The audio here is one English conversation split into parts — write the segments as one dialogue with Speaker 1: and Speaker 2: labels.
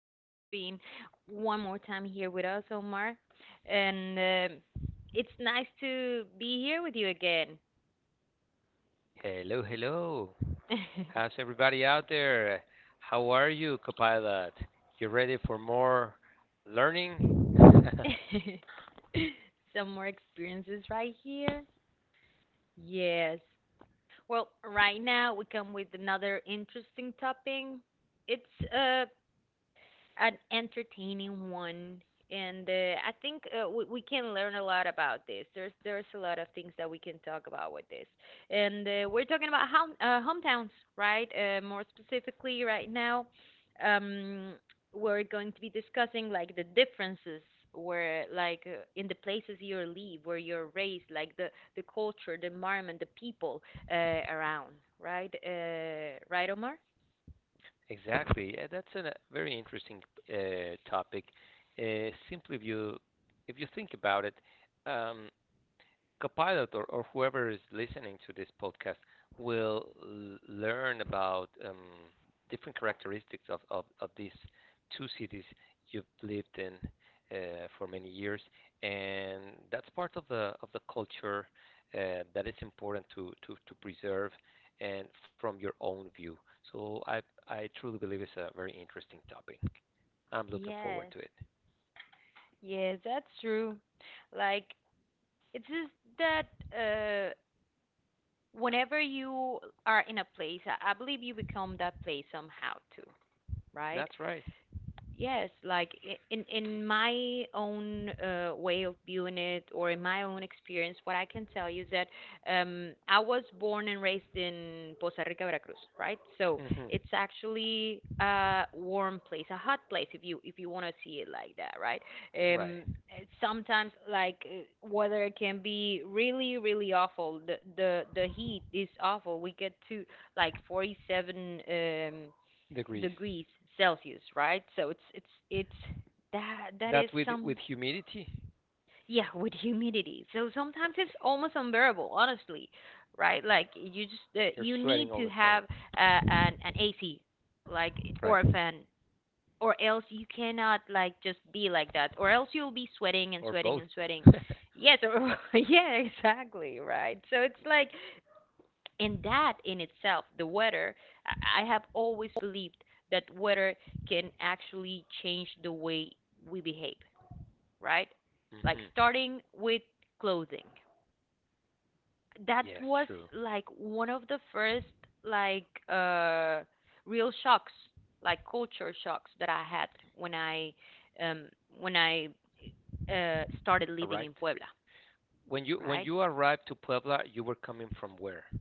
Speaker 1: you very much for being one more time here with us, Omar. And it's nice to be here with you again.
Speaker 2: Hello, hello. How's everybody out there? How are you, Copilot? You ready for more learning?
Speaker 1: Some more experiences right here. Yes. Well, right now we come with another interesting topic. It's uh an entertaining one, and I think we can learn a lot about this. There's a lot of things that we can talk about with this, and we're talking about hometowns, right? More specifically, right now, um we're going to be discussing, like, the differences where, like, in the places you live, where you're raised, like, the culture, the environment, the people uh, around, right? Right, Omar?
Speaker 2: Exactly. Yeah, that's a very interesting topic. Simply, if you think about it, um, Copilot or whoever is listening to this podcast will learn about different characteristics of these two cities you've lived in for many years, and that's part of the culture that is important to preserve and from your own view. So I truly believe it's a very interesting topic. I'm looking
Speaker 1: Yes.
Speaker 2: forward to it.
Speaker 1: Yes, that's true. Like, it's just that whenever you are in a place, I believe you become that place somehow too, right?
Speaker 2: That's right.
Speaker 1: Yes, like, in my own way of viewing it, or in my own experience, what I can tell you is that I was born and raised in Poza Rica, Veracruz, right? So
Speaker 2: Hmm.
Speaker 1: it's actually a warm place, a hot place, if you want to see it like that, right? um
Speaker 2: Right.
Speaker 1: sometimes, like, weather can be really, really awful. The heat is awful. We get to like 47,
Speaker 2: Degrees.
Speaker 1: degrees Celsius, right? So it's that is
Speaker 2: That with
Speaker 1: some.
Speaker 2: with humidity?
Speaker 1: Yeah, with humidity. So sometimes it's
Speaker 2: Okay.
Speaker 1: almost unbearable, honestly, right? Like, you just
Speaker 2: You're
Speaker 1: you need
Speaker 2: sweating
Speaker 1: to
Speaker 2: all the
Speaker 1: have
Speaker 2: time.
Speaker 1: an AC, like, or a
Speaker 2: Right.
Speaker 1: fan, or else you cannot, like, just be like that, or else you'll be sweating and
Speaker 2: Or
Speaker 1: sweating and
Speaker 2: both.
Speaker 1: sweating. Yes, or, yeah, exactly, right. So it's like, and that in itself, the weather, I have always believed that weather can actually change the way we behave, right? Like,
Speaker 2: Hmm.
Speaker 1: starting with clothing. That
Speaker 2: Yes,
Speaker 1: was,
Speaker 2: true.
Speaker 1: like, one of the first, like, real shocks, like, culture shocks that I had when um I started
Speaker 2: All
Speaker 1: living in
Speaker 2: right.
Speaker 1: Puebla,
Speaker 2: When you
Speaker 1: right?
Speaker 2: when you arrived to Puebla, you were coming from where?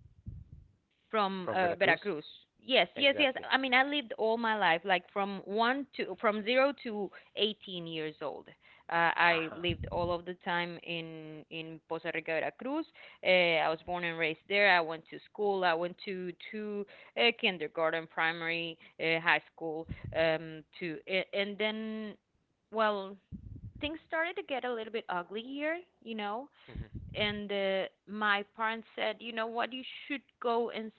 Speaker 1: From
Speaker 2: From Veracruz?
Speaker 1: Veracruz. Yes, yes, yes. I
Speaker 2: Exactly.
Speaker 1: mean, I lived all my life, like, from zero to 18 years old. I
Speaker 2: Uh-huh.
Speaker 1: lived all of the time in Poza Rica, Veracruz. I was born and raised there. I went to school. I went to kindergarten, primary, high school. And then, well, things started to get a little bit ugly here.
Speaker 2: Mm-hmm.
Speaker 1: And my parents said, you know what, you should go and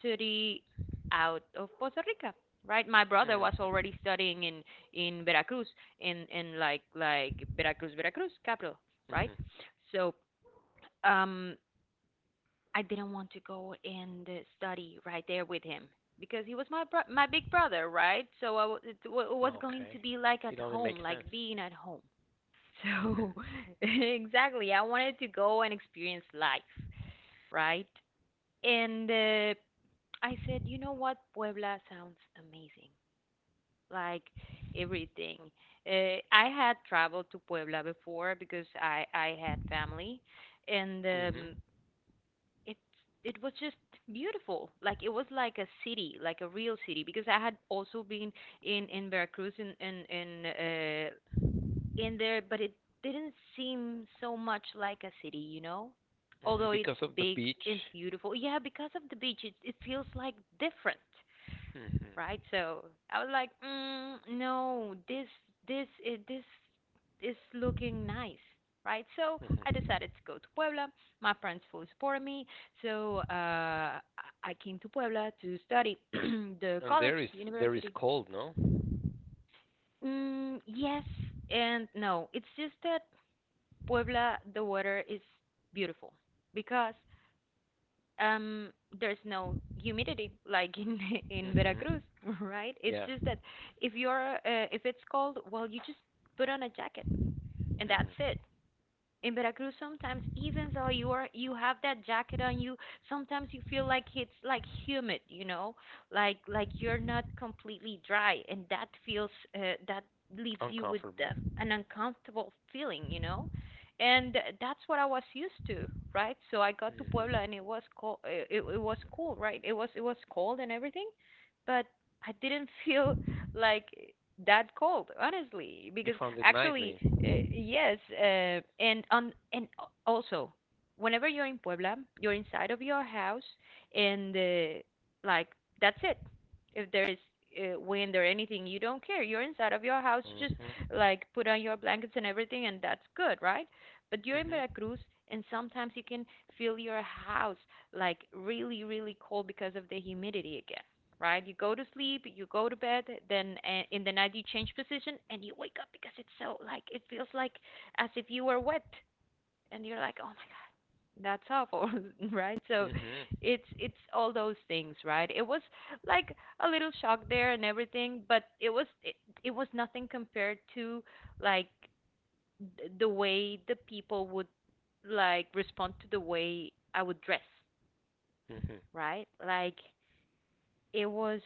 Speaker 1: study out of Puerto Rico, right? My brother was already
Speaker 2: Mm-hmm.
Speaker 1: studying in Veracruz, in like Veracruz, Veracruz capital, right?
Speaker 2: Mm-hmm.
Speaker 1: So um, I didn't want to go and study right there with him, because he was my big brother, right? So I w- it was going to
Speaker 2: Okay.
Speaker 1: be like at
Speaker 2: It only
Speaker 1: home,
Speaker 2: makes
Speaker 1: like
Speaker 2: sense.
Speaker 1: being at home.
Speaker 2: Mm-hmm.
Speaker 1: So exactly, I wanted to go and experience life, right? And I said, you know what? Puebla sounds amazing. Like, everything. I had traveled to Puebla before because I had family, and
Speaker 2: Mm-hmm.
Speaker 1: it it was just beautiful. Like, it was like a city, like a real city. Because I had also been in Veracruz, uh, in there, but it didn't seem so much like a city, you know? Although
Speaker 2: Hmm.
Speaker 1: it's
Speaker 2: Because of the
Speaker 1: big
Speaker 2: beach.
Speaker 1: and beautiful. Yeah, because of the beach, it feels like different,
Speaker 2: Mm-hmm.
Speaker 1: right? So I was like, mm, no, this is looking nice, right? So I
Speaker 2: Mm-hmm.
Speaker 1: decided to go to Puebla. My friends fully supported me, so I came to Puebla to study the
Speaker 2: And
Speaker 1: college,
Speaker 2: there is
Speaker 1: university.
Speaker 2: cold, no?
Speaker 1: Mm, yes and no. It's just that Puebla, the weather is beautiful because, um, there's no humidity, like, in in
Speaker 2: Mm-hmm.
Speaker 1: Veracruz, right? It's
Speaker 2: Yeah.
Speaker 1: just that, if it's cold, well, you just put on a jacket, and that's
Speaker 2: Mm-hmm.
Speaker 1: it. In Veracruz, sometimes, even though you have that jacket on, you sometimes you feel like it's, like, humid, you know, like you're not completely dry, and uh, that leaves you with
Speaker 2: Uncomfortable.
Speaker 1: an uncomfortable feeling, you know. And that's what I was used to, right? So I got to Puebla,
Speaker 2: Mm-hmm.
Speaker 1: and it was cold. It was cool, right? It was cold and everything, but I didn't feel, like, that cold, honestly, because
Speaker 2: You found it
Speaker 1: actually,
Speaker 2: nicely.
Speaker 1: yes, and on and al- also whenever you're in Puebla, you're inside of your house. And like, that's it. If there is wind or anything, you don't care. You're inside of your house. You just,
Speaker 2: Mm-hmm.
Speaker 1: like, put on your blankets and everything, and that's good, right? But you're in
Speaker 2: Mm-hmm.
Speaker 1: Veracruz, and sometimes you can feel your house, like, really, really cold, because of the humidity, right? You go to sleep, you go to bed, then in the night you change position and you wake up because it's so, like, it feels like as if you were wet, and you're like, "Oh my god, that's awful." Right? So
Speaker 2: Mm-hmm.
Speaker 1: it's all those things, right? It was, like, a little shock there and everything, but it was nothing compared to, like, the way the people would, like, respond to the way I would dress,
Speaker 2: Mm-hmm.
Speaker 1: right? Like, it was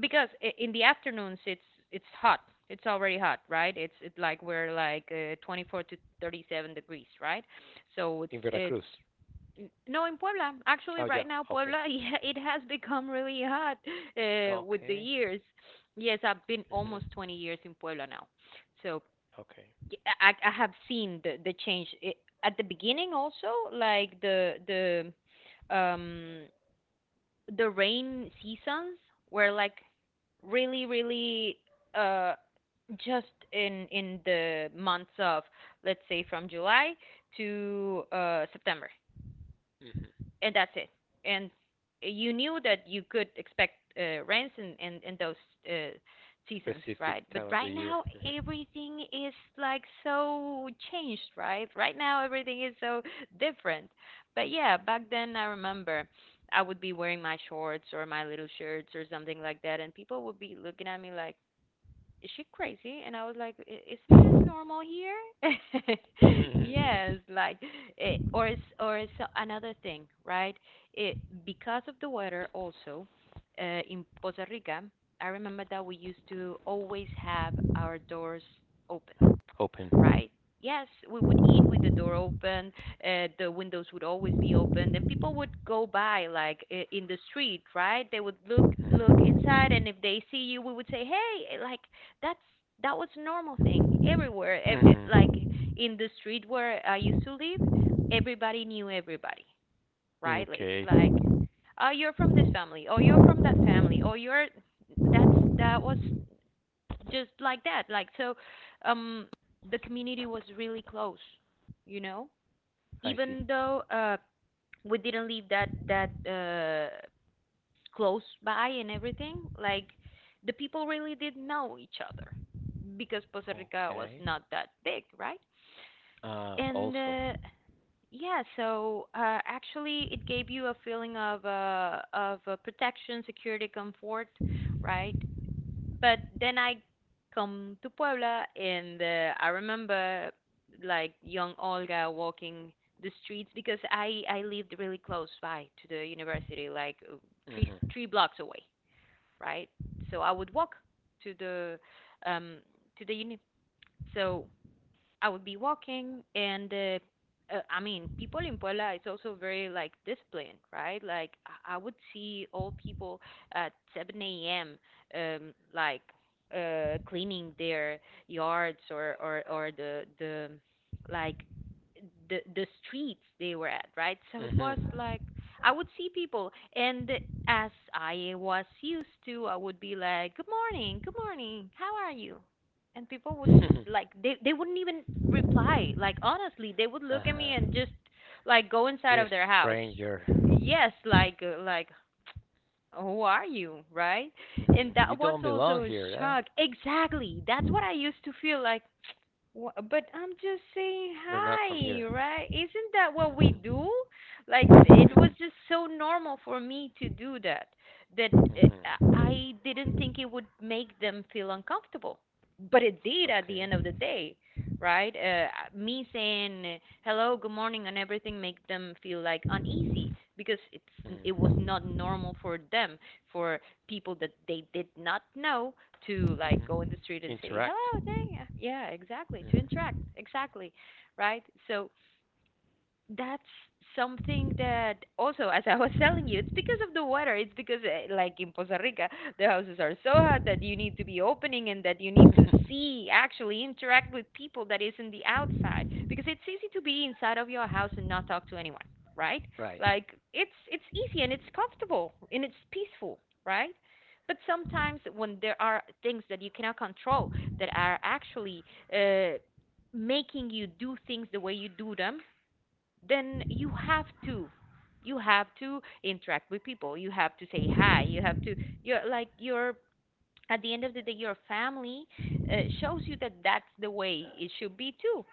Speaker 1: because, in the afternoons it's hot. It's already hot, right? It's, it, like, we're like 24 to 37 degrees, right? So
Speaker 2: In Veracruz.
Speaker 1: no in Puebla. Actually,
Speaker 2: Oh
Speaker 1: right
Speaker 2: yeah.
Speaker 1: now
Speaker 2: Okay.
Speaker 1: Puebla, yeah, it has become really hot with the
Speaker 2: Okay.
Speaker 1: years. Yes, I've been almost
Speaker 2: Mm-hmm.
Speaker 1: 20 years in Puebla now, so
Speaker 2: Okay.
Speaker 1: I have seen the change. At the beginning also, like, the rain seasons were, like, really, really uh just in the months of, let's say, from July to September,
Speaker 2: Mm-hmm.
Speaker 1: and that's it. And you knew that you could expect rents in those uh seasons,
Speaker 2: Specific
Speaker 1: right? But
Speaker 2: time of the
Speaker 1: right
Speaker 2: year.
Speaker 1: now everything is, like, so changed, right? Right now everything is so different. But yeah, back then I remember I would be wearing my shorts or my little shirts or something like that, and people would be looking at me like, is she crazy? And I was like, "Isn't this normal here?"
Speaker 2: Mm-hmm. Mm-hmm.
Speaker 1: Yes, like, it's another thing, right? It, because of the weather also, uh, in Costa Rica, I remember that we used to always have our doors open.
Speaker 2: Open.
Speaker 1: Right. Yes, we would eat with the door open, the windows would always be open, and people would go by, like, in the street, right? They would look inside, and if they see you, we would say, "Hey," like, that's that was a normal thing everywhere. Like,
Speaker 2: Mm-hmm.
Speaker 1: in the street where I used to live, everybody knew everybody, right? Like, it's
Speaker 2: Okay.
Speaker 1: like, "Oh, you're from this family," or "You're from that family," or "You're." That was just like that, like, so um the community was really close, you know,
Speaker 2: I see.
Speaker 1: even though we didn't live that close by and everything. Like, the people really did know each other, because Costa Rica was
Speaker 2: Okay.
Speaker 1: not that big, right? And
Speaker 2: Also.
Speaker 1: yeah, so, actually, it gave you a feeling of, protection, security, comfort, right? But then I come to Puebla, and I remember, like, young Olga walking the streets, because I lived really close by to the university, like, uh, three
Speaker 2: Mm-hmm.
Speaker 1: three blocks away, right? So I would walk to the um uni. So I would be walking, and I mean, people in Puebla is also very, like, disciplined, right? Like, I would see old people at 7 a.m., like, cleaning their yards, or the like the streets they were at, right? So it was,
Speaker 2: Mm-hmm.
Speaker 1: like, I would see people, and as I was used to, I would be like, good morning, how are you?" And people would just, like, they wouldn't even reply. Like, honestly, they would look at me and
Speaker 2: Uh-huh.
Speaker 1: just, like, go inside
Speaker 2: This
Speaker 1: of their house.
Speaker 2: stranger.
Speaker 1: Yes, like, who are you, right? And
Speaker 2: Mm-hmm.
Speaker 1: that
Speaker 2: You
Speaker 1: was
Speaker 2: don't belong
Speaker 1: also a
Speaker 2: here, huh?
Speaker 1: shock. Exactly, that's what I used to feel like. But I'm just saying
Speaker 2: You're not from
Speaker 1: hi,
Speaker 2: here.
Speaker 1: right? Isn't that what we do?
Speaker 2: Mm-hmm.
Speaker 1: Like, it was just so normal for me to do that, that uh,
Speaker 2: Mm-hmm.
Speaker 1: I didn't think it would make them feel uncomfortable. But it did at the
Speaker 2: Okay.
Speaker 1: end of the day, right? Me saying hello, good morning, and everything make them feel like uneasy because it was
Speaker 2: Mm.
Speaker 1: not normal for them, for people that they did not know, to like go in the
Speaker 2: Mhm.
Speaker 1: street and say
Speaker 2: Interact.
Speaker 1: hello, dang, yeah, yeah, exactly, to interact,
Speaker 2: Mhm.
Speaker 1: exactly, right? So that's something that also, as I was telling you, it's because of the weather. It's because like in Costa Rica the houses are so hot that you need to be opening, and that you need to see, actually interact with people that is in the outside, because it's easy to be inside of your house and not talk to anyone, right?
Speaker 2: Right.
Speaker 1: Like it's easy and it's comfortable and it's peaceful, right? But sometimes when there are things that you cannot control, that are actually uh making you do things the way you do them, then you have to, you have to interact with people, you have to say hi, you have to, you're like you're. At the end of the day your family shows you that that's the way it should be too,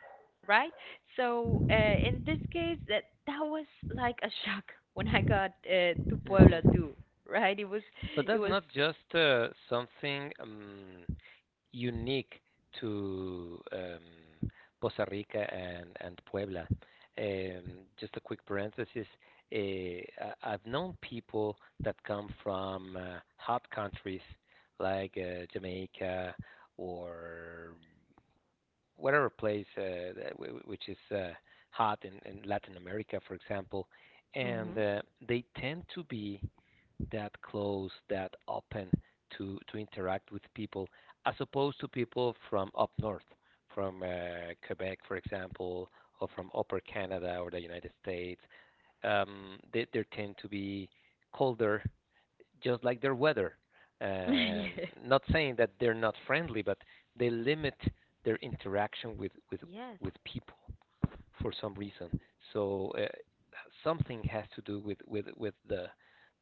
Speaker 1: right? So in this case, that was like a shock when I got to Puebla
Speaker 2: Mhm.
Speaker 1: too, right? it was
Speaker 2: But
Speaker 1: it
Speaker 2: that's
Speaker 1: was
Speaker 2: not just something unique to Costa Rica and Puebla. Just a quick parenthesis. I've known people that come from hot countries like Jamaica or whatever place that which is hot in Latin America, for example, and
Speaker 1: Mhm.
Speaker 2: they tend to be that close, that open to interact with people, as opposed to people from up north, from Quebec, for example, or from Upper Canada or the United States. They tend to be colder just like their weather. Um,
Speaker 1: Yeah.
Speaker 2: Not saying that they're not friendly, but they limit their interaction with
Speaker 1: Yes.
Speaker 2: people for some reason. So something has to do with the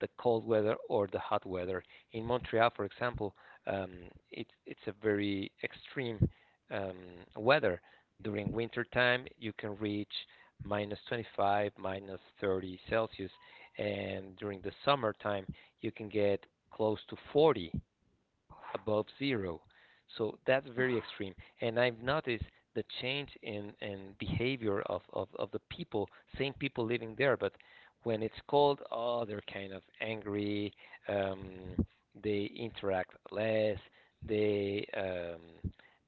Speaker 2: cold weather or the hot weather. In Montreal, for example, um, it's a very extreme um, weather. During winter time, you can reach minus 25, minus 30 Celsius, and during the summertime, you can get close to 40 above zero. So that's very extreme. And I've noticed the change in behavior of the people, same people living there, but when it's cold, oh, they're kind of angry, um, they interact less, they, um,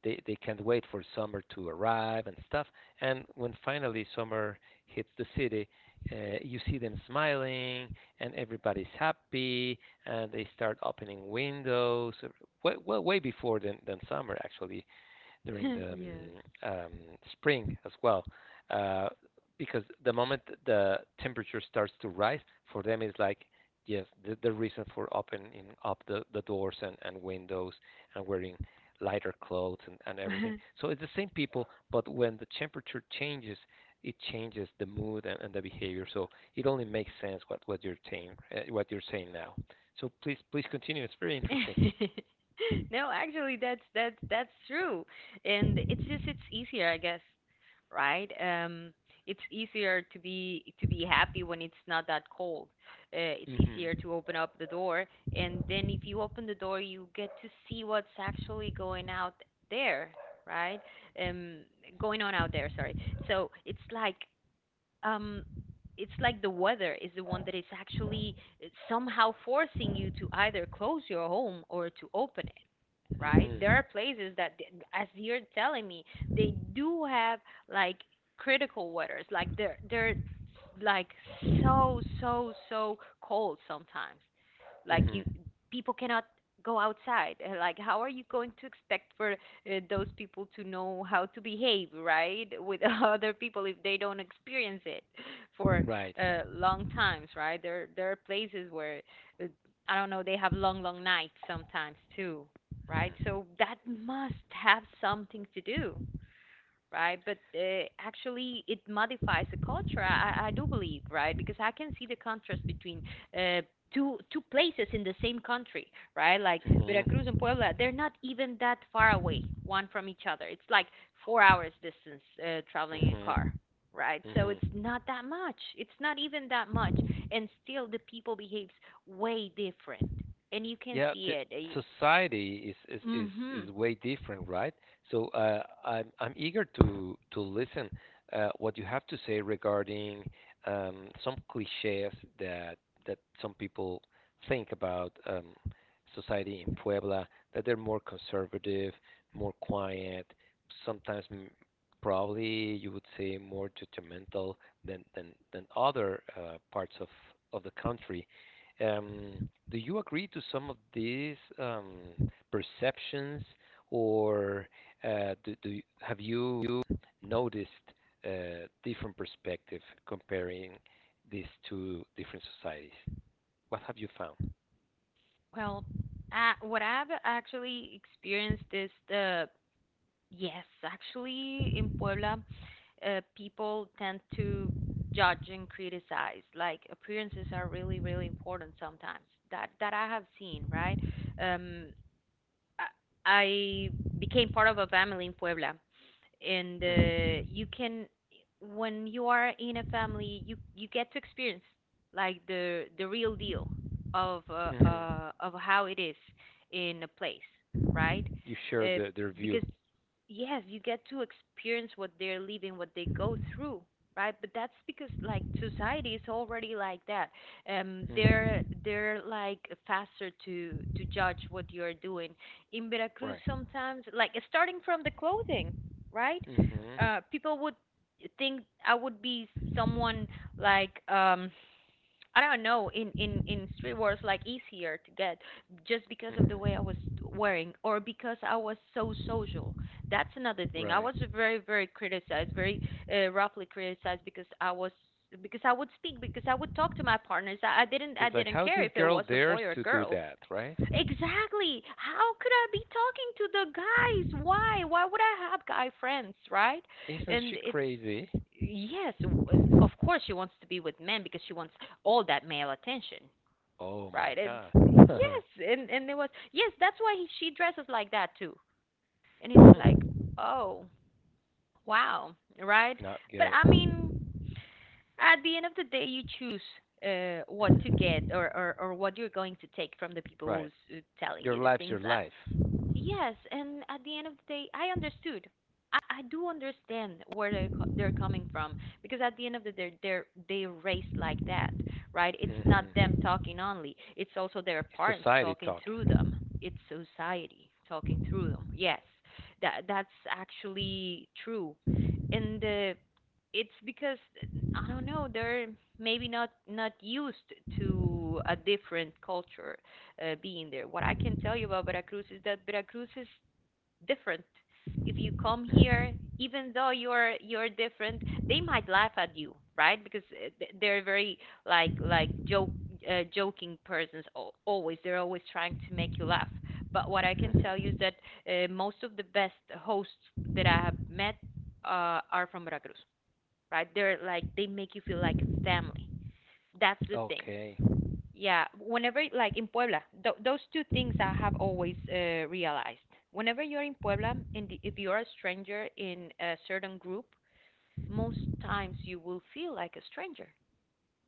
Speaker 2: they can't wait for summer to arrive and stuff. And when finally summer hits the city, you see them smiling and everybody's happy and they start opening windows way, well, way before than summer actually, during the
Speaker 1: Yes.
Speaker 2: um, spring as well, uh, because the moment the temperature starts to rise for them is like yes, the reason for opening up the doors and windows and wearing lighter clothes and everything. So it's the same people, but when the temperature changes, it changes the mood and the behavior. So it only makes sense what you're saying, what you're saying now. So please continue, it's very interesting.
Speaker 1: No, actually, that's true, and it's just, it's easier, I guess, right? It's easier to be happy when it's not that cold. It's
Speaker 2: Hmm.
Speaker 1: easier to open up the door, and then if you open the door, you get to see what's actually going out there, right? Um, going on out there. Sorry. So um it's like the weather is the one that is actually somehow forcing you to either close your home or to open it, right? There are
Speaker 2: Mhm.
Speaker 1: places that as you're telling me, they do have, like, critical weathers, like they're like so so so cold sometimes, like you,
Speaker 2: Mhm.
Speaker 1: people cannot go outside. And, like, how are you going to expect for those people to know how to behave, right, with other people, if they don't experience it for
Speaker 2: Right.
Speaker 1: long times, right? There are places where uh, I don't know, they have long long nights sometimes too, right? So that must have something to do, right? But actually, it modifies the culture. I do believe, right? Because I can see the contrast between uh, two places in the same country, right? Like
Speaker 2: Mhm.
Speaker 1: Veracruz and Puebla, they're not even that far away one from each other. It's like four hours distance traveling in car.
Speaker 2: Mhm.
Speaker 1: Right, so
Speaker 2: Mhm.
Speaker 1: it's not that much. It's not even that much, and still the people behaves way different, and you can
Speaker 2: Yeah,
Speaker 1: see
Speaker 2: the
Speaker 1: it.
Speaker 2: society is is
Speaker 1: Uh
Speaker 2: is
Speaker 1: hmm
Speaker 2: is way different, right? So I'm eager to listen what you have to say regarding some cliches that that some people think about society in Puebla, that they're more conservative, more quiet, sometimes m probably you would say more judgmental than than than other parts of the country. Do you agree to some of these perceptions, or have you noticed a different perspective comparing these two different societies? What have you found?
Speaker 1: Well, what I've actually experienced is the, yes, actually in Puebla, people tend to judge and criticize. Like appearances are really, really important sometimes. That I have seen, right? Um, I became part of a family in Puebla, and
Speaker 2: Mm-hmm.
Speaker 1: you can, when you are in a family, you get to experience like the real deal
Speaker 2: Mm-hmm.
Speaker 1: of how it is in a place, right?
Speaker 2: You share
Speaker 1: Uh,
Speaker 2: the, their view.
Speaker 1: because yes, you get to experience what they're living, what they go through, right? But that's because like society is already like that. They're
Speaker 2: Mm-hmm.
Speaker 1: they're like faster to judge what you're doing in Veracruz
Speaker 2: Right.
Speaker 1: sometimes, like starting from the clothing, right?
Speaker 2: Mm-hmm.
Speaker 1: People would think I would be someone like I don't know, in in streetwear it's like easier to get, just because of the way I was
Speaker 2: Mm-hmm.
Speaker 1: wearing, or because I was so social. That's another thing. I
Speaker 2: Right.
Speaker 1: was very very criticized, very roughly criticized because I was, because I would speak, because I would talk to my partners. I didn't, I
Speaker 2: It's like
Speaker 1: didn't
Speaker 2: how
Speaker 1: care
Speaker 2: this
Speaker 1: if it
Speaker 2: girl
Speaker 1: was a boy
Speaker 2: dares
Speaker 1: or
Speaker 2: to
Speaker 1: a
Speaker 2: do
Speaker 1: girl.
Speaker 2: that, right?
Speaker 1: Exactly. How could I be talking to the guys? Why? Why would I have guy friends, right?
Speaker 2: Isn't
Speaker 1: And
Speaker 2: she
Speaker 1: it's,
Speaker 2: crazy?
Speaker 1: yes, of course she wants to be with men because she wants all that male attention,
Speaker 2: Oh my
Speaker 1: right? And
Speaker 2: God.
Speaker 1: yes, and it was yes, that's why he, she dresses like that too. And it's like,
Speaker 2: Hmm.
Speaker 1: oh, wow, right?
Speaker 2: Not
Speaker 1: But
Speaker 2: good.
Speaker 1: I mean, at the end of the day, you choose what to
Speaker 2: Mhm.
Speaker 1: get, or what you're going to take from the people
Speaker 2: Right.
Speaker 1: who's telling
Speaker 2: Your
Speaker 1: you the
Speaker 2: life's
Speaker 1: things.
Speaker 2: your life.
Speaker 1: Yes, and at the end of the day, I understood. I do understand where they're, they're coming from, because at the end of the day, they're raised like that, right? It's not them
Speaker 2: Mhm.
Speaker 1: talking only; it's also their
Speaker 2: It's
Speaker 1: parents
Speaker 2: society
Speaker 1: talking through them.
Speaker 2: talking.
Speaker 1: It's society talking through them. Yes, that's actually true, and it's because I don't know, they're maybe not used to a different culture being there. What I can tell you about Veracruz is that Veracruz is different. If you come here, even though you're different, they might laugh at you, right? Because they're very like joke joking persons always. They're always trying to make you laugh. But what I can tell you is
Speaker 2: Mhm.
Speaker 1: that most of the best hosts that I have met are from Veracruz, right? They're like, they make you feel like family. That's the thing.
Speaker 2: Okay.
Speaker 1: Yeah, whenever like in Puebla, th those two things I have always realized. Whenever you're in Puebla, and if you're a stranger in a certain group, most times you will feel like a stranger,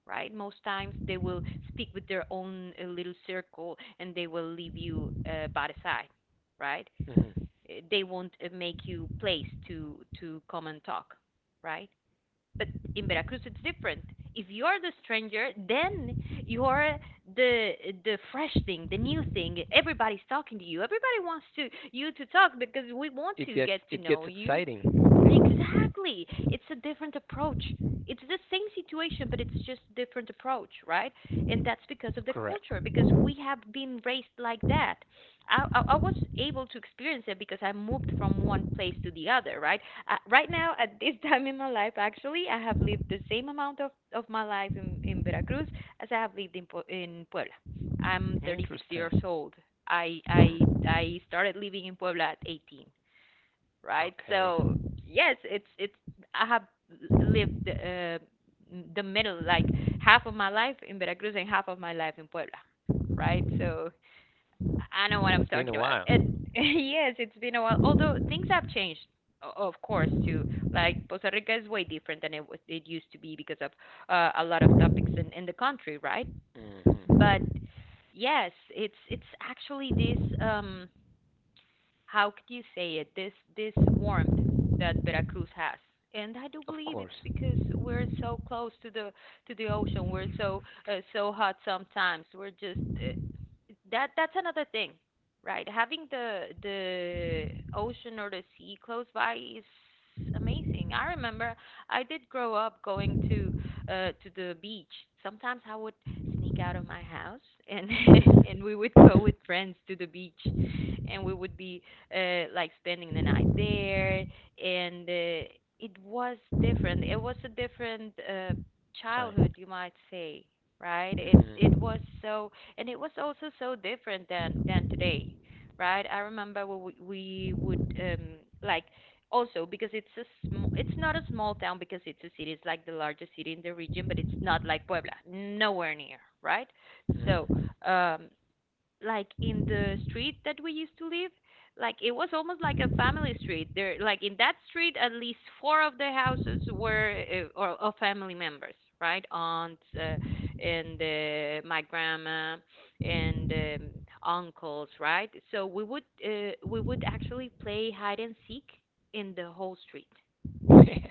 Speaker 1: right? Most times they will speak with their own little circle and they will leave you by the side, right?
Speaker 2: Mhm.
Speaker 1: They won't make you place to come and talk, right? But in Veracruz, it's different. If you're the stranger, then you're the the fresh thing, the new thing. Everybody's talking to you. Everybody wants to you to talk because we want
Speaker 2: It
Speaker 1: to
Speaker 2: gets
Speaker 1: get to
Speaker 2: it gets
Speaker 1: know you.
Speaker 2: exciting.
Speaker 1: Exactly. It's a different approach. It's the same situation, but it's just different approach, right? And that's because of the
Speaker 2: Correct.
Speaker 1: culture, because we have been raised like that. I was able to experience it because I moved from one place to the other, right? Right now, at this time in my life, actually, I have lived the same amount of my life in Veracruz as I have lived in, in Puebla. I'm 36 years
Speaker 2: Interesting.
Speaker 1: old. I, I,
Speaker 2: Mhm.
Speaker 1: I started living in Puebla at 18, right?
Speaker 2: Okay.
Speaker 1: So yes, it's I have lived the middle, like half of my life in Veracruz and half of my life in Puebla, right? So I know what I'm
Speaker 2: It's been a
Speaker 1: talking about.
Speaker 2: while.
Speaker 1: And yes, it's been a while. Although things have changed, of course, too. Like Costa Rica is way different than it was, it used to be, because of a lot of topics in the country, right? But
Speaker 2: Mhm.
Speaker 1: yes, it's actually this how could you say it, this warmth that Veracruz has, and I do
Speaker 2: Of
Speaker 1: believe
Speaker 2: course.
Speaker 1: it's because we're so close to the, to the ocean. We're so so hot sometimes, we're just that that's another thing, right? Having the ocean or the sea close by is amazing. I remember, I did grow up going to the beach. Sometimes I would sneak out of my house and and we would go with friends to the beach, and we would be like spending the night there. And it was different. It was a different childhood,
Speaker 2: Time.
Speaker 1: you might say, right? It
Speaker 2: Mhm.
Speaker 1: was so, and it was also so different than today, right? I remember we would like, also because it's a it's not a small town, because it's a city. It's like the largest city in the region, but it's not like Puebla, nowhere near, right? So
Speaker 2: Mhm.
Speaker 1: um, like in the street that we used to live, like it was almost like a family street there, like in that street at least four of the houses were or of family members, right? Aunts, and my grandma, and uncles, right? So we would actually play hide and seek in the whole street,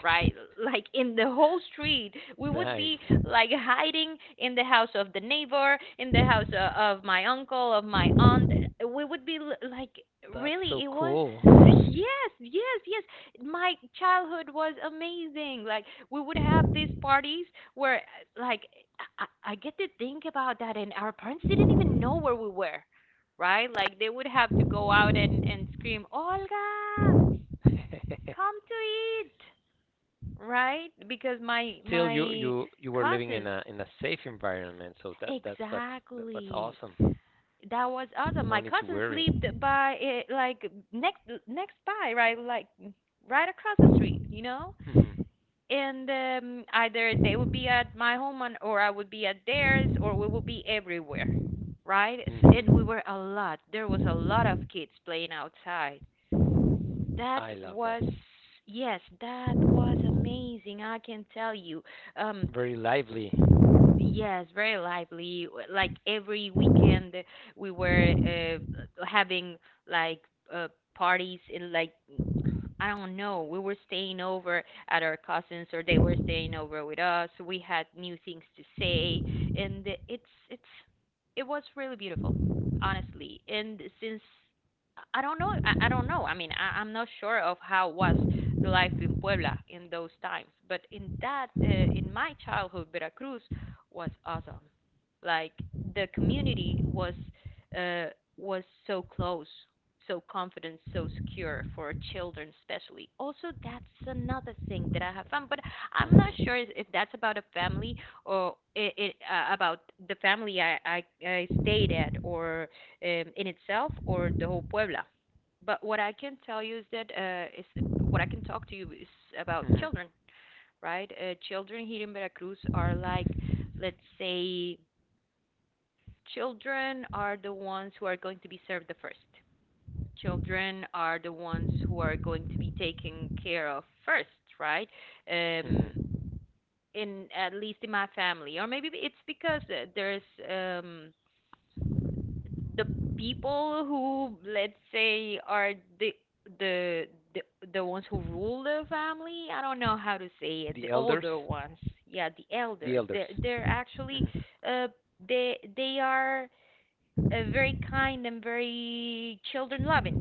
Speaker 1: right? Like in the whole street, we would be
Speaker 2: Nice.
Speaker 1: like hiding in the house of the neighbor, in the house of my uncle, of my aunt. We would be like,
Speaker 2: That's so
Speaker 1: really, it was.
Speaker 2: cool.
Speaker 1: Yes, yes, yes. My childhood was amazing. Like we would have these parties where, like, I get to think about that, and our parents didn't even know where we were, right? Like they would have to go out and scream, Olga, come to eat, right? Because my
Speaker 2: Still, you
Speaker 1: my
Speaker 2: you you were living in
Speaker 1: cousins,
Speaker 2: a safe environment, so that's what's
Speaker 1: exactly,
Speaker 2: awesome.
Speaker 1: that was awesome.
Speaker 2: No
Speaker 1: My
Speaker 2: need to
Speaker 1: cousin
Speaker 2: worry.
Speaker 1: slept by it, like next next by, right? Like right across the street, you know.
Speaker 2: Hmm.
Speaker 1: And either they would be at my home and, or I would be at theirs, or we would be everywhere, right? And we
Speaker 2: Hmm.
Speaker 1: were a lot. There was a lot of kids playing outside. That
Speaker 2: I love that.
Speaker 1: was Yes, that was amazing, I can tell you. Um,
Speaker 2: Very lively.
Speaker 1: Yes, very lively. Like every weekend, we were having like uh, parties in, like, I don't know. We were staying over at our cousins, or they were staying over with us. We had new things to say, and it's it was really beautiful, honestly. And since I don't know, I don't know. I mean, I'm not sure of how was the life in Puebla in those times, but in that in my childhood, Veracruz was awesome. Like the community uh, was so close, so confident, so secure for children, especially. Also, that's another thing that I have found, but I'm not
Speaker 2: Hmm.
Speaker 1: sure if that's about a family or it about the family I stayed at, or in itself, or the whole Puebla. But what I can tell you is that is what I can talk to you is about
Speaker 2: Hmm.
Speaker 1: children, right? Children here in Veracruz are, like, let's say, children are the ones who are going to be served the first, children are the ones who are going to be taken care of first, right? Um,
Speaker 2: Hmm.
Speaker 1: in at least in my family, or maybe it's because there's the people who, let's say, are the the the the ones who rule the family. I don't know how to
Speaker 2: The
Speaker 1: say it. The
Speaker 2: elders.
Speaker 1: older ones, yeah, the
Speaker 2: The
Speaker 1: elders.
Speaker 2: elders.
Speaker 1: They're actually,
Speaker 2: Hmm.
Speaker 1: uh, they are very kind and very children loving,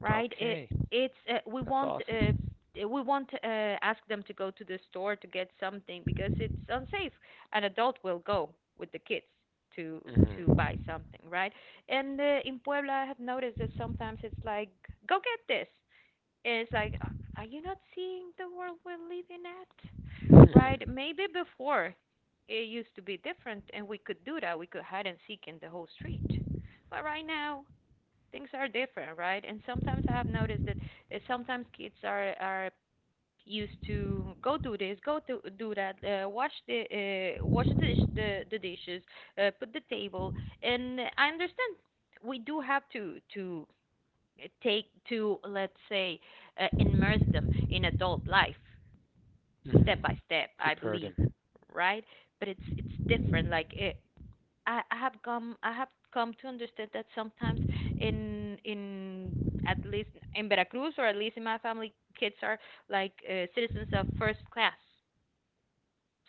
Speaker 1: right? It
Speaker 2: Okay,
Speaker 1: it's we
Speaker 2: that's
Speaker 1: won't
Speaker 2: awesome.
Speaker 1: ask them to go to the store to get something because it's unsafe. An adult will go with the kids to to buy
Speaker 2: Hmm.
Speaker 1: something, right? And in Puebla, I have noticed that sometimes it's like, go get this. And it's like, are you not seeing the world we're living at?
Speaker 2: Hmm.
Speaker 1: Right? Maybe before it used to be different, and we could do that. We could hide and seek in the whole street, but right now things are different, right? And sometimes I have noticed that sometimes kids are used to go do this, go to do that, wash the dish, the dishes, put the table, and I understand we do have to eh, take to let's say immerse them in adult life step
Speaker 2: Hmm.
Speaker 1: by step, I
Speaker 2: Prepare
Speaker 1: believe,
Speaker 2: them.
Speaker 1: right? But it's different. Like, I have come to understand that sometimes in at least in Veracruz or at least in my family, kids are like citizens of first class,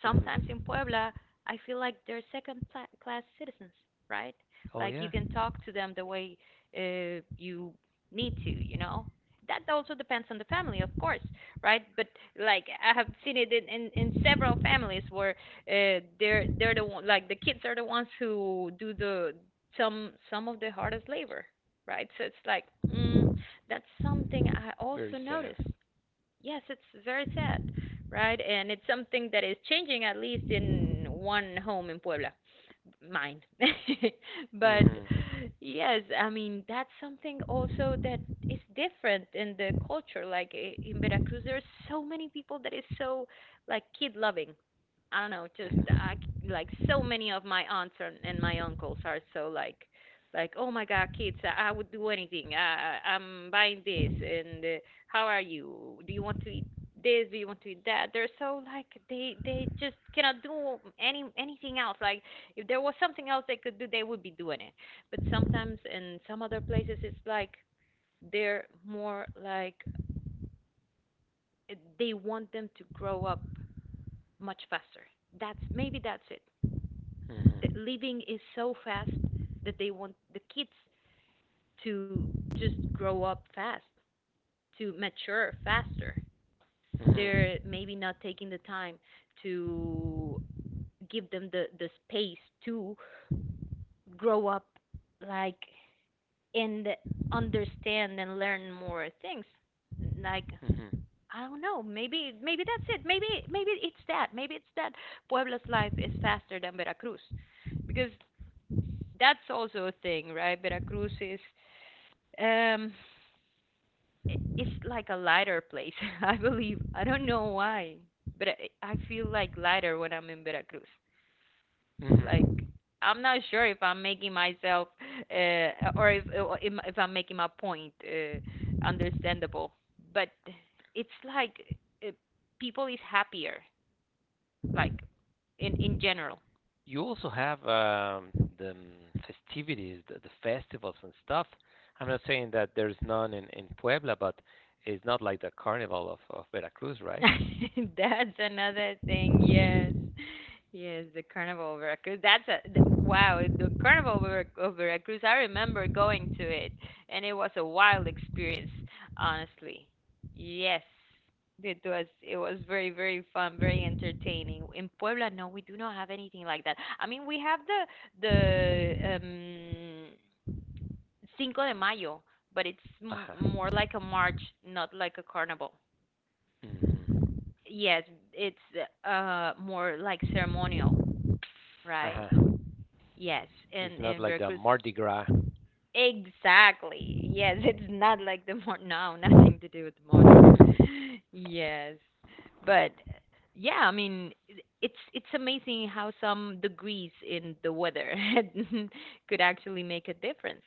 Speaker 1: sometimes in
Speaker 2: Hmm.
Speaker 1: Puebla, I feel like they're second class citizens, right?
Speaker 2: Oh
Speaker 1: Like you
Speaker 2: yeah,
Speaker 1: can talk to them the way you need to, you know? That also depends on the family, of course, right? But like I have seen it in, in, several families where the kids are the ones who do the some of the hardest labor, right? So it's like, mm, that's something I
Speaker 2: very
Speaker 1: also
Speaker 2: sad.
Speaker 1: noticed. Yes, it's very sad, right? And it's something that is changing, at least in one home in Puebla, mine. But
Speaker 2: Hmm.
Speaker 1: yes, I mean, that's something also that is different in the culture. Like, in Veracruz, there are so many people that is so, like, kid loving. I don't know,
Speaker 2: Hmm.
Speaker 1: like, so many of my aunts and my uncles are so like oh my god, kids, I would do anything. I'm buying this, and how are you? Do you want to eat this? Do you want to eat that? They're so like, they just cannot do anything else. Like, if there was something else they could do, they would be doing it. But sometimes in some other places, it's like they're more like, they want them to grow up much faster. That's, maybe that's it. The
Speaker 2: Hmm.
Speaker 1: living is so fast that they want the kids to just grow up fast, to mature faster.
Speaker 2: Hmm.
Speaker 1: They're maybe not taking the time to give them the space to grow up, like, and understand and learn more things. Like,
Speaker 2: Hmm.
Speaker 1: I don't know, maybe that's it. Maybe it's that. Maybe it's that Puebla's life is faster than Veracruz, because that's also a thing, right? Veracruz is um it's like a lighter place, I believe. I don't know why, but I feel like lighter when I'm in Veracruz.
Speaker 2: Hmm.
Speaker 1: Like, I'm not sure if I'm making myself or if I'm making my point understandable, but it's like, uh, people is happier, like, in general.
Speaker 2: You also have the festivities, the festivals and stuff. I'm not saying that there's none in Puebla, but it's not like the carnival of Veracruz, right?
Speaker 1: That's another thing. Yes. Yes, the Carnival of Veracruz. Wow, the Carnival of Veracruz. I remember going to it and it was a wild experience, honestly. Yes. It was very, very fun, very entertaining. In Puebla, no, we do not have anything like that. I mean, we have the the um Cinco de Mayo, but it's
Speaker 2: Uh
Speaker 1: m-
Speaker 2: huh.
Speaker 1: more like a march, not like a carnival.
Speaker 2: Mm.
Speaker 1: Yes, it's more like ceremonial,
Speaker 2: Uh
Speaker 1: right?
Speaker 2: huh.
Speaker 1: Yes,
Speaker 2: It's not
Speaker 1: in
Speaker 2: like the
Speaker 1: Veracruz,
Speaker 2: Mardi Gras.
Speaker 1: exactly. Yes, it's not like the more, no, nothing to do with the Mardi Gras. Yes, but yeah, I mean, it's amazing how some degrees in the weather could actually make a difference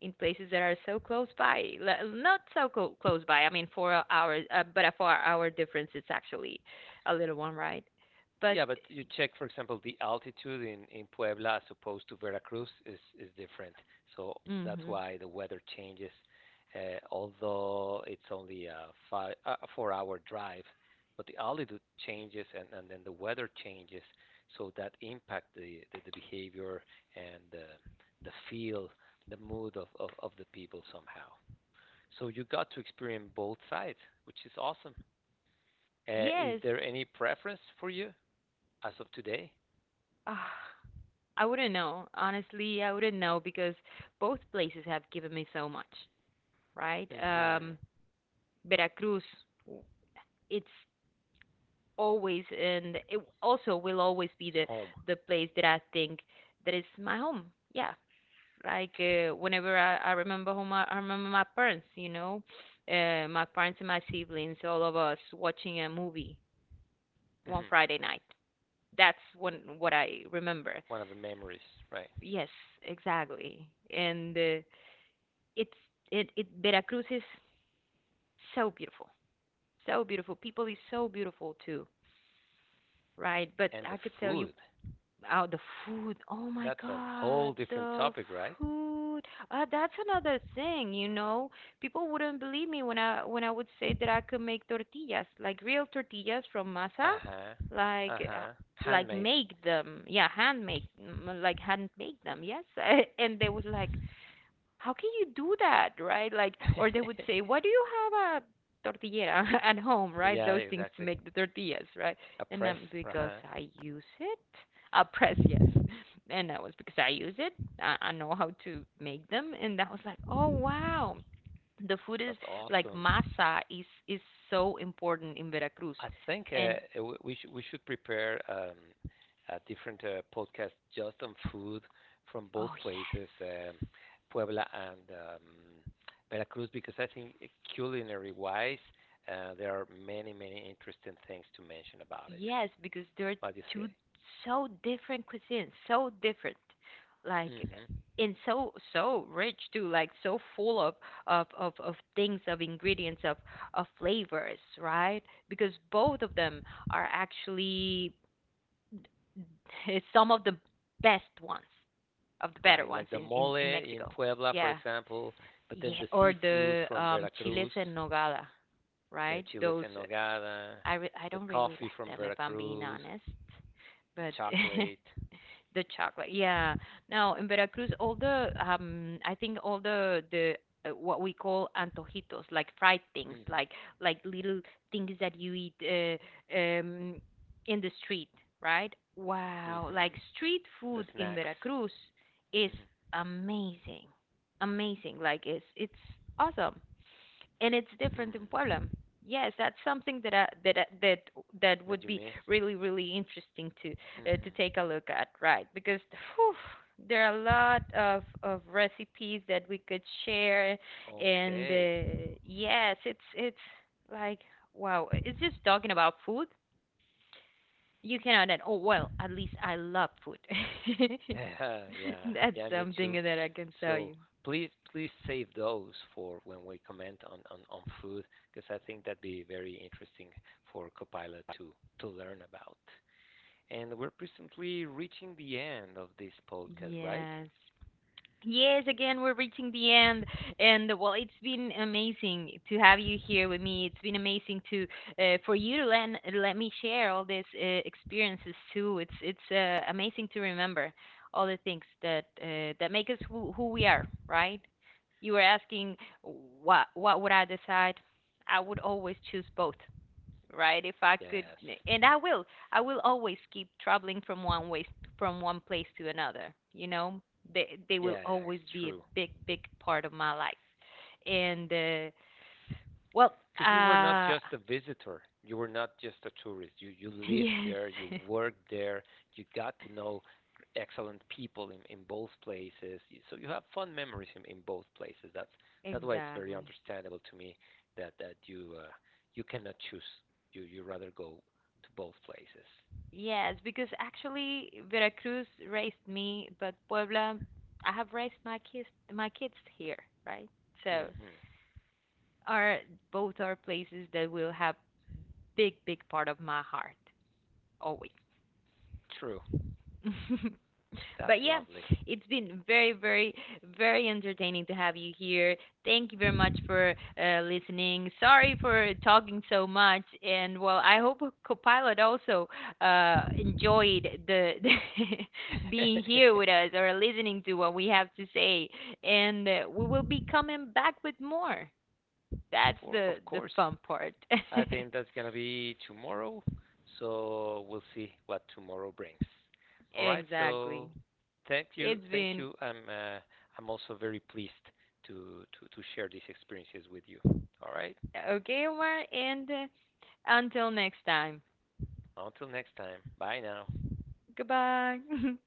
Speaker 1: in places that are so close by. Not so close by. I mean, 4 hours, but a four-hour difference is actually a little one, right? But
Speaker 2: Yeah, but you check, for example, the altitude in Puebla as opposed to Veracruz is different. So that's
Speaker 1: hmm.
Speaker 2: why the weather changes. Although it's only a four-hour drive, but the altitude changes and then the weather changes, so that impact the behavior and the feel, the mood of the people somehow. So you got to experience both sides, which is awesome. Is
Speaker 1: Yes.
Speaker 2: there any preference for you as of today?
Speaker 1: Ah. I wouldn't know. Honestly, I wouldn't know because both places have given me so much, right?
Speaker 2: Hmm. It's
Speaker 1: Veracruz, it's always and it also will always be the
Speaker 2: home.
Speaker 1: the place that I think that is my home. Yeah, like, whenever I remember home, I remember my parents. You know, my parents and my siblings, all of us watching a movie one
Speaker 2: Hmm.
Speaker 1: Friday night. That's when what I remember.
Speaker 2: One of the memories, right?
Speaker 1: Yes, exactly. And it's it it Veracruz is so beautiful, so beautiful. People is so beautiful too, right? But
Speaker 2: And the
Speaker 1: I could tell you,
Speaker 2: food.
Speaker 1: oh, the food. Oh my
Speaker 2: That's a whole
Speaker 1: God,
Speaker 2: different
Speaker 1: the
Speaker 2: topic, right?
Speaker 1: food. That's another thing, you know. People wouldn't believe me when I would say that I could make tortillas, like real tortillas from masa,
Speaker 2: Uh-huh.
Speaker 1: like,
Speaker 2: Uh-huh. Handmade.
Speaker 1: hand make, mm, like hand make them, yes. And they was like, how can you do that, right? Like, or they would say, why do you have a tortillera at home, right?
Speaker 2: Yeah,
Speaker 1: Those things to
Speaker 2: exactly.
Speaker 1: make the tortillas, right?
Speaker 2: A
Speaker 1: And
Speaker 2: press.
Speaker 1: I'm because
Speaker 2: Uh-huh.
Speaker 1: I use it. I press, yes, and that was because I use it. I know how to make them, and that was like, oh wow, the food is
Speaker 2: That's
Speaker 1: like,
Speaker 2: awesome.
Speaker 1: masa is so important in Veracruz,
Speaker 2: I think
Speaker 1: and
Speaker 2: we should prepare a different podcast just on food from both
Speaker 1: oh
Speaker 2: places,
Speaker 1: yes.
Speaker 2: Puebla and Veracruz, because I think culinary wise, there are many many interesting things to mention about it.
Speaker 1: Yes, because they're
Speaker 2: What do you
Speaker 1: two
Speaker 2: say?
Speaker 1: so different cuisines, so different, like,
Speaker 2: Hmm.
Speaker 1: and so so rich too, like so full of things, of ingredients, of flavors, right? Because both of them are actually some of the best ones, of the better
Speaker 2: Right,
Speaker 1: ones
Speaker 2: like the
Speaker 1: in
Speaker 2: mole in
Speaker 1: Mexico.
Speaker 2: Puebla, for
Speaker 1: Yeah.
Speaker 2: example, but then
Speaker 1: Yeah,
Speaker 2: the
Speaker 1: or
Speaker 2: seafood
Speaker 1: the
Speaker 2: from
Speaker 1: chiles
Speaker 2: Veracruz,
Speaker 1: en nogada,
Speaker 2: the
Speaker 1: right?
Speaker 2: chiles
Speaker 1: Those,
Speaker 2: en nogada,
Speaker 1: I
Speaker 2: the
Speaker 1: don't really
Speaker 2: coffee
Speaker 1: like
Speaker 2: from
Speaker 1: them, if I'm being
Speaker 2: Veracruz,
Speaker 1: honest.
Speaker 2: the
Speaker 1: But
Speaker 2: chocolate.
Speaker 1: the chocolate, yeah. Now in Veracruz, all the I think all the what we call antojitos, like fried things,
Speaker 2: Hmm.
Speaker 1: like little things that you eat um in the street, right? Wow, like
Speaker 2: Hmm.
Speaker 1: street
Speaker 2: The
Speaker 1: food in
Speaker 2: snacks.
Speaker 1: Veracruz is
Speaker 2: Hmm.
Speaker 1: amazing, amazing. Like, it's awesome and it's different in Puebla.
Speaker 2: Hmm.
Speaker 1: Yes, that's something that I, that that
Speaker 2: That
Speaker 1: would
Speaker 2: you
Speaker 1: be
Speaker 2: miss.
Speaker 1: really, really interesting to
Speaker 2: Hmm.
Speaker 1: take a look at, right? Because, whew, there are a lot of recipes that we could share, and
Speaker 2: Okay.
Speaker 1: yes, it's like, wow, it's just talking about food. You cannot, and oh well, at least I love food.
Speaker 2: Yeah.
Speaker 1: That's
Speaker 2: Yeah, me
Speaker 1: something
Speaker 2: too.
Speaker 1: that I can tell
Speaker 2: So
Speaker 1: you.
Speaker 2: please, please save those for when we comment on food, because I think that'd be very interesting for Copilot to learn about. And we're presently reaching the end of this podcast, right?
Speaker 1: Yes. Yes, again, we're reaching the end, and well, it's been amazing to have you here with me. It's been amazing to for you to let let me share all these experiences too. It's amazing to remember all the things that that make us who we are, right? You were asking what would I decide? I would always choose both, right? If I could,
Speaker 2: Yes.
Speaker 1: and I will always keep traveling from one way, from one place to another. You know, they will
Speaker 2: Yeah, yeah,
Speaker 1: always
Speaker 2: it's
Speaker 1: be a
Speaker 2: true.
Speaker 1: big, big part of my life. And well,
Speaker 2: Because you were not
Speaker 1: uh,
Speaker 2: just a visitor, you were not just a tourist, you lived
Speaker 1: yes,
Speaker 2: there, you worked there, you got to know excellent people in both places, so you have fun memories in both places. That's why it's very
Speaker 1: exactly.
Speaker 2: understandable to me that you, you cannot choose, you rather go to both places.
Speaker 1: Yes, because actually Veracruz raised me, but Puebla, I have raised my kids here, right? So
Speaker 2: Hmm.
Speaker 1: are both are places that will have big, big part of my heart, always.
Speaker 2: True. That's
Speaker 1: But yeah,
Speaker 2: lovely.
Speaker 1: it's been very, very, very entertaining to have you here. Thank you very much for listening. Sorry for talking so much, and well, I hope Copilot also enjoyed the, the being here with us or listening to what we have to say. And we will be coming back with more. That's
Speaker 2: for Of
Speaker 1: the
Speaker 2: course.
Speaker 1: fun part.
Speaker 2: I think that's gonna be tomorrow. So we'll see what tomorrow brings. All right. So
Speaker 1: Exactly.
Speaker 2: thank you,
Speaker 1: It's
Speaker 2: thank
Speaker 1: been
Speaker 2: you. I'm also very pleased to share these experiences with you. All right.
Speaker 1: okay, Omar, and until next time.
Speaker 2: Until next time. Bye now.
Speaker 1: Goodbye.